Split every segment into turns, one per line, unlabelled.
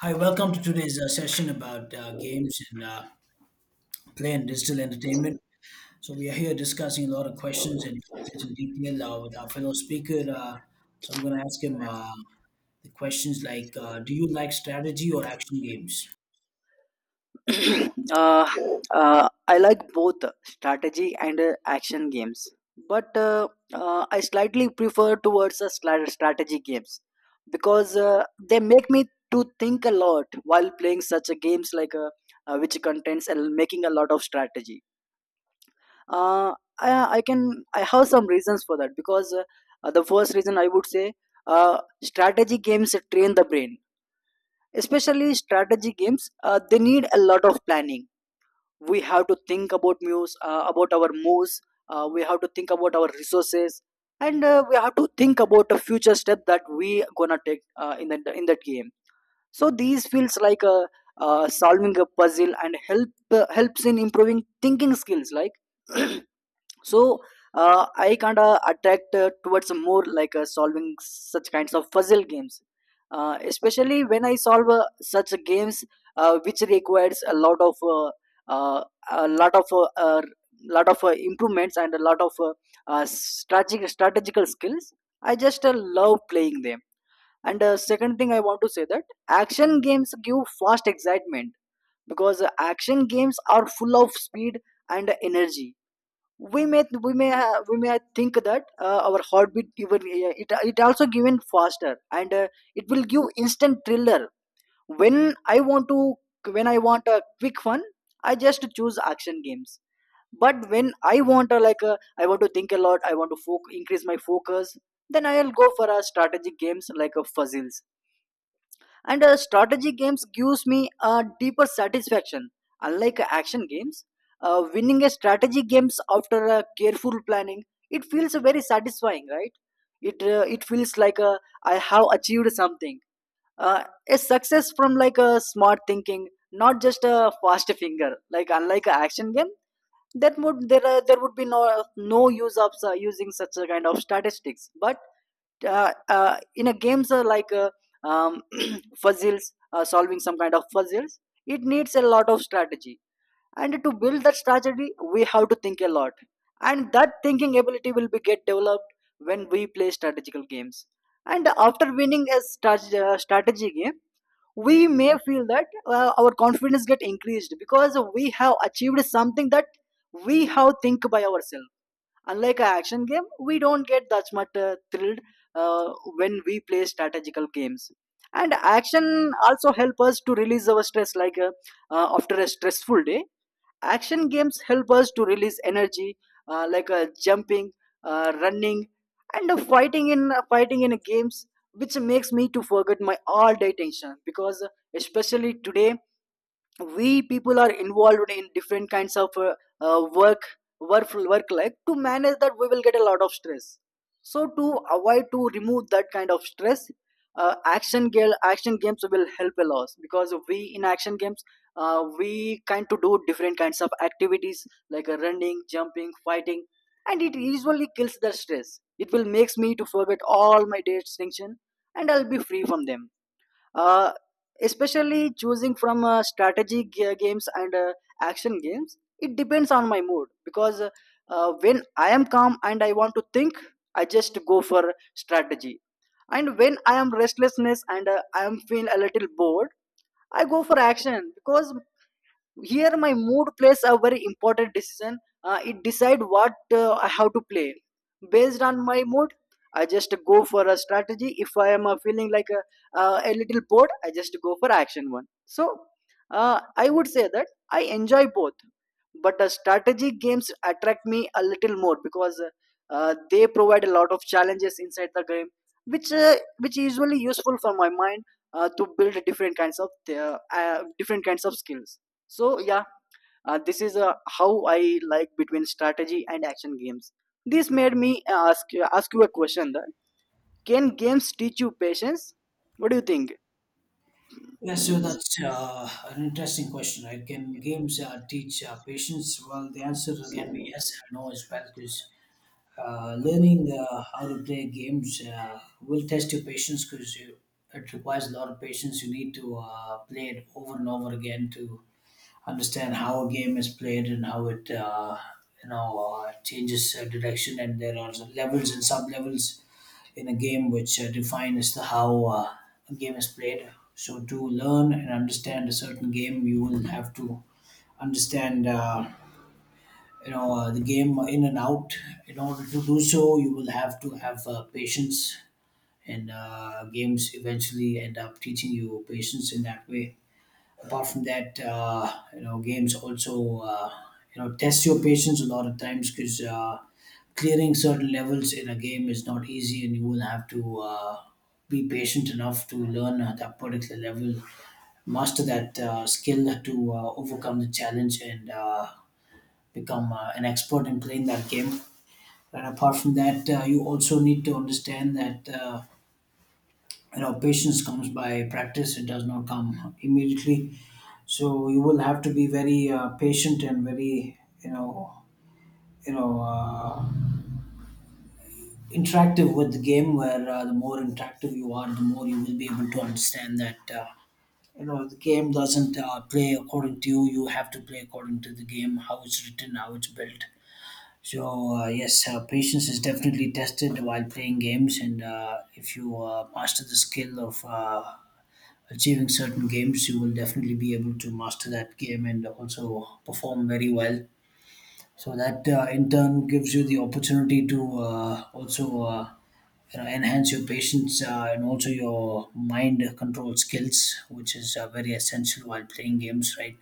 Hi, welcome to today's session about games and play and digital entertainment. So we are here discussing a lot of questions and topics in detail with our fellow speaker. So I'm going to ask him the questions like, do you like strategy or action games?
uh, I like both strategy and action games, but I slightly prefer towards a strategy games because they make me to think a lot while playing such a games like which contains a, making a lot of strategy. Uh, I, I can I have some reasons for that because the first reason I would say strategy games train the brain, especially strategy games. They need a lot of planning. We have to think about moves, about our moves. We have to think about our resources, and we have to think about a future step that we gonna take in that game. So these feels like a solving a puzzle and helps in improving thinking skills like. So I kind of attract towards more like solving such kinds of puzzle games, especially when I solve such games which requires uh, a lot of improvements and a lot of strategic strategical skills. I just love playing them. And second thing I want to say that action games give fast excitement, because action games are full of speed and energy. We may think that our heartbeat even, it also given faster, and it will give instant thriller. when i want to when I want a quick fun, I just choose action games. But when I want a like a, I want to think a lot, I want to increase my focus, then I'll go for a strategic games like a fuzzles. And strategy games gives me a deeper satisfaction, unlike action games. Winning a strategy games after a careful planning, it feels very satisfying, right? It it feels like I have achieved something, a success from like a smart thinking, not just a fast finger, like unlike a action game. That would there uh, there would be no no use of using such a kind of statistics. But in a games like um, puzzles, solving some kind of puzzles, it needs a lot of strategy. And to build that strategy, we have to think a lot, and that thinking ability will be get developed when we play strategical games. And after winning a strategy game, we may feel that our confidence get increased, because we have achieved something that we have think by ourselves, unlike a action game. We don't get that much thrilled uh, when we play strategical games. And action also help us to release our stress, like after a stressful day, action games help us to release energy, like jumping, running, and fighting in games, which makes me to forget my all day tension. Because especially today, we people are involved in different kinds of work, work life. To manage that, we will get a lot of stress. So to avoid to remove that kind of stress, action games will help a lot, because we in action games, we kind to do different kinds of activities like running, jumping, fighting, and it usually kills the stress. It will makes me to forget all my day's tension, and I'll be free from them. uh, Especially choosing from strategy games and action games, it depends on my mood. Because when I am calm and I want to think, I just go for strategy. And when I am restlessness and I am feel a little bored, I go for action. Because here, my mood plays a very important decision. It decide what I have to play. Based on my mood, I just go for a strategy. If I am feeling like a little bored, I just go for action one. So, I would say that I enjoy both, but strategy games attract me a little more, because they provide a lot of challenges inside the game, which is usually useful for my mind to build different kinds of skills. So yeah, this is how I like between strategy and action games. This made me ask you a question that can games teach you patience? What do you think?
Yeah, so that's an interesting question, right? Can games teach patience? Well, the answer can be yes and no as well, because learning how to play games will test your patience because it requires a lot of patience. You need to play it over and over again to understand how a game is played and how it uh, you know uh, changes uh, direction. And there are levels and sub levels in a game which define as to how a game is played. So to learn and understand a certain game, you will have to understand. The game in and out. In order to do so, you will have to have patience, and games eventually end up teaching you patience in that way. Apart from that, games also test your patience a lot of times because clearing certain levels in a game is not easy, and you will have to be patient enough to learn that particular level, master that skill to overcome the challenge and become an expert in playing that game. And apart from that, you also need to understand that patience comes by practice; it does not come immediately. So you will have to be very patient and very you know uh, interactive with the game. Where the more interactive you are, the more you will be able to understand that. The game doesn't play according to you. You have to play according to the game, how it's written, how it's built. So yes, patience is definitely tested while playing games, and if you master the skill of achieving certain games, you will definitely be able to master that game and also perform very well. So that in turn gives you the opportunity to also enhance your patience and also your mind control skills, which is very essential while playing games, right?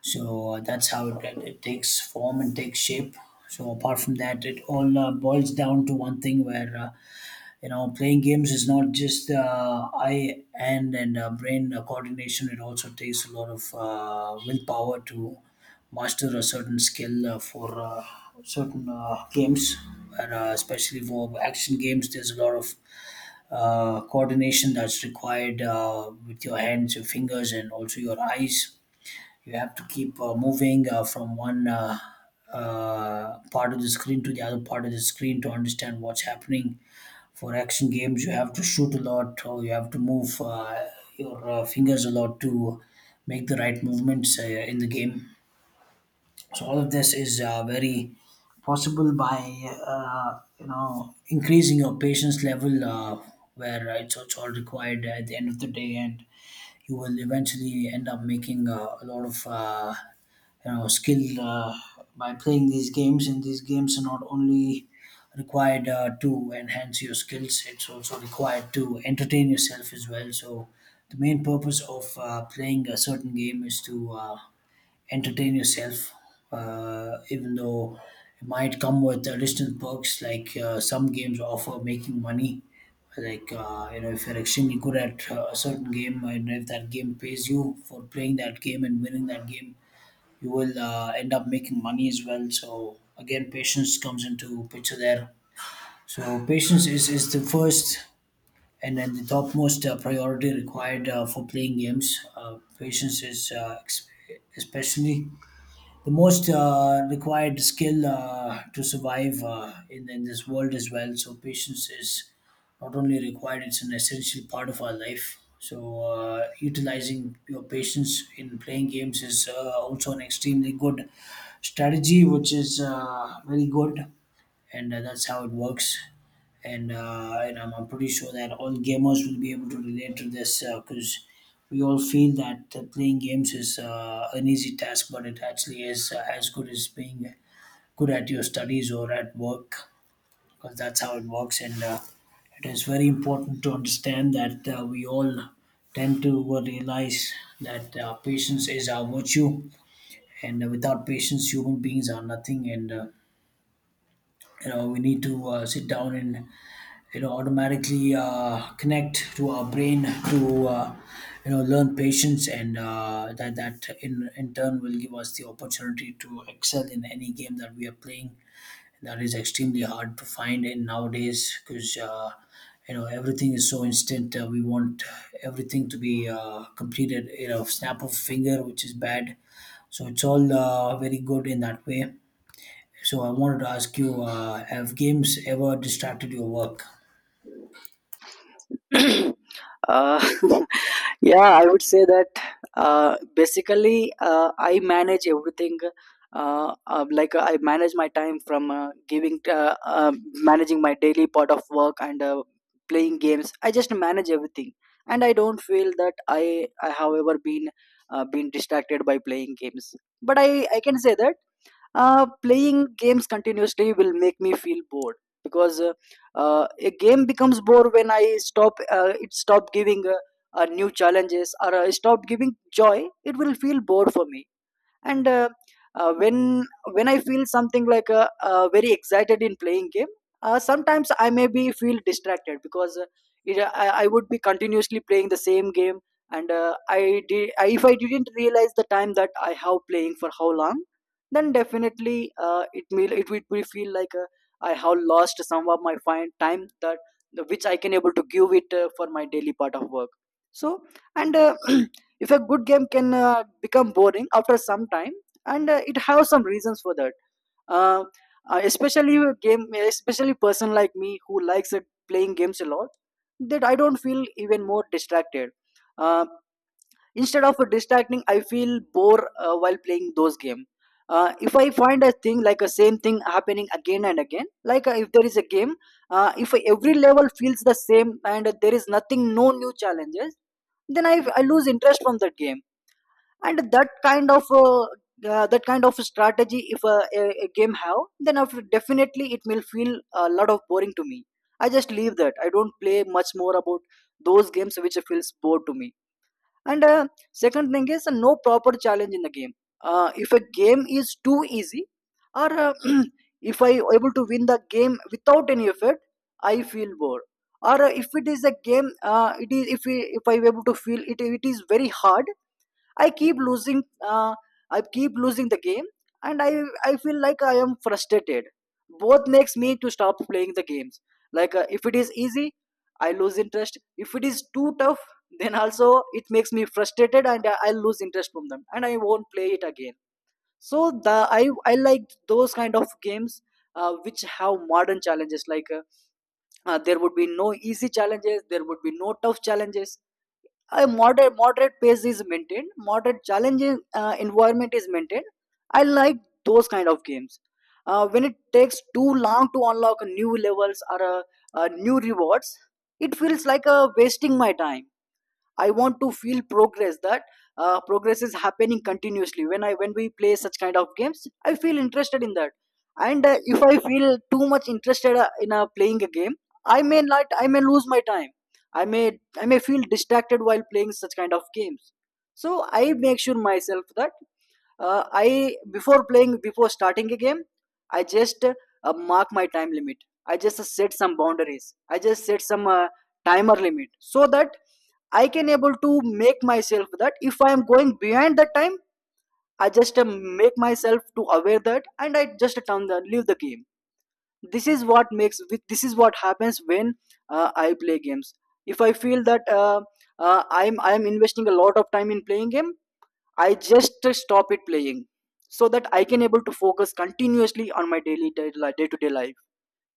So that's how it takes form and takes shape. So apart from that, it all boils down to one thing where playing games is not just eye, hand, and brain coordination. It also takes a lot of willpower to master a certain skill for certain games, and, especially for action games. There's a lot of coordination that's required with your hands, your fingers, and also your eyes. You have to keep moving from one part of the screen to the other part of the screen to understand what's happening. For action games, you have to shoot a lot, or you have to move your fingers a lot to make the right movements in the game. So all of this is very possible by increasing your patience level, where it's all required at the end of the day, and you will eventually end up making a lot of skill by playing these games, and these games are not only required to enhance your skills, it's also required to entertain yourself as well. So the main purpose of playing a certain game is to entertain yourself, even though it might come with additional perks like some games offer making money. Like, if you're extremely good at a certain game and if that game pays you for playing that game and winning that game, you will end up making money as well. So, again, patience comes into picture there. So, patience is the first and then the topmost priority required for playing games. Patience is especially the most required skill to survive in this world as well. So patience is not only required; it's an essential part of our life. So utilizing your patience in playing games is also an extremely good strategy, which is very good, and that's how it works and I'm pretty sure that all gamers will be able to relate to this because we all feel that playing games is an easy task, but it actually is as good as being good at your studies or at work, because that's how it works. And it is very important to understand that we all tend to realize that patience is our virtue, and without patience, human beings are nothing. And we need to sit down and automatically connect to our brain to learn patience, and that in turn will give us the opportunity to excel in any game that we are playing. That is extremely hard to find in nowadays because everything is so instant. We want everything to be completed, snap of finger, which is bad. So it's all very good in that way. So I wanted to ask you, have games ever distracted your work?
uh, yeah, I would say that basically I manage everything. I manage my time from giving managing my daily part of work and playing games. I just manage everything, and I don't feel that i have ever been distracted by playing games. But I can say that playing games continuously will make me feel bored. Because a game becomes bored when I stop it stop giving new challenges or stop giving joy. It will feel bored for me. And uh, uh, when when I feel something like very excited in playing game, sometimes I may be feel distracted. Because I would be continuously playing the same game, and I, if I didn't realize the time that I have playing for how long, then definitely it would be feel like I have lost some of my fine time that which I can able to give it for my daily part of work. So, and if a good game can become boring after some time, and it has some reasons for that. uh, Especially a game, especially person like me who likes playing games a lot, that I don't feel even more distracted. uh, Instead of distracting, I feel bored while playing those games. If I find a thing like a same thing happening again and again, like if there is a game, if every level feels the same and there is nothing, no new challenges, then I lose interest from that game. And that kind of strategy if a, a game have, then after definitely it will feel a lot of boring to me. I just leave that, I don't play much more about those games which feels bored to me. And second thing is no proper challenge in the game. If a game is too easy, or if I able to win the game without any effort, I feel bored. Or if it is a game, it is if, we, if I able to feel it it is very hard, I keep losing. I keep losing the game, and I feel like I am frustrated. Both makes me to stop playing the games. Like if it is easy, I lose interest. If it is too tough, then also it makes me frustrated, and I lose interest from them, and I won't play it again. So the I like those kind of games. Which have modern challenges like there would be no easy challenges, there would be no tough challenges, a moderate pace is maintained, moderate challenging environment is maintained. I like those kind of games. When it takes too long to unlock new levels or new rewards, it feels like wasting my time. I want to feel progress that progress is happening continuously. When we play such kind of games, I feel interested in that. And if I feel too much interested in playing a game, I may not I may lose my time. i may I may feel distracted while playing such kind of games. So I make sure myself that I before playing, before starting a game, I just mark my time limit, I just set some boundaries, I just set some timer limit, so that I can able to make myself that if I am going behind the time, I just make myself to aware that, and I just turn the leave the game. This is what happens when I play games. If I feel that I'm investing a lot of time in playing game, I just stop it playing, so that I can able to focus continuously on my daily day to day life.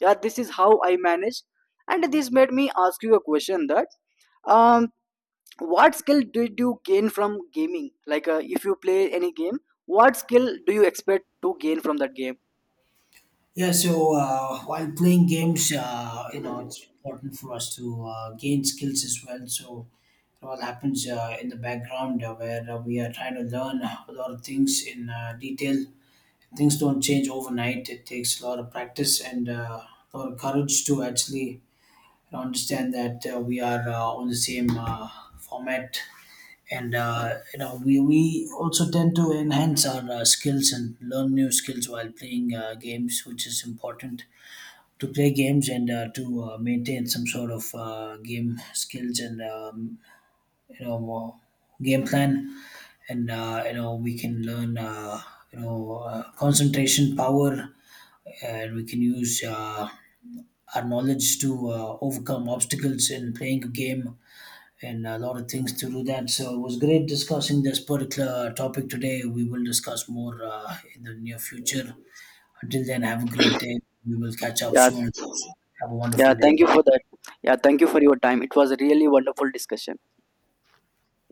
Yeah, this is how I manage. And this made me ask you a question that um what skill did you gain from gaming, like if you play any game, what skill do you expect to gain from that game?
Yeah, so while playing games, it's important for us to gain skills as well. So it all happens in the background where we are trying to learn a lot of things in detail. Things don't change overnight. It takes a lot of practice and a lot of courage to actually understand that we are on the same format. And we also tend to enhance our skills and learn new skills while playing games, which is important to play games and to maintain some sort of game skills and you know uh, game plan, and we can learn concentration power, and we can use our knowledge to overcome obstacles in playing a game, and a lot of things to do that. So it was great discussing this particular topic today. We will discuss more in the near future. Until then, have a great day. We will catch up
Yeah,
soon. Have a
yeah,
wonderful day.
thank you for that. Yeah, thank you for your time, it was a really wonderful discussion.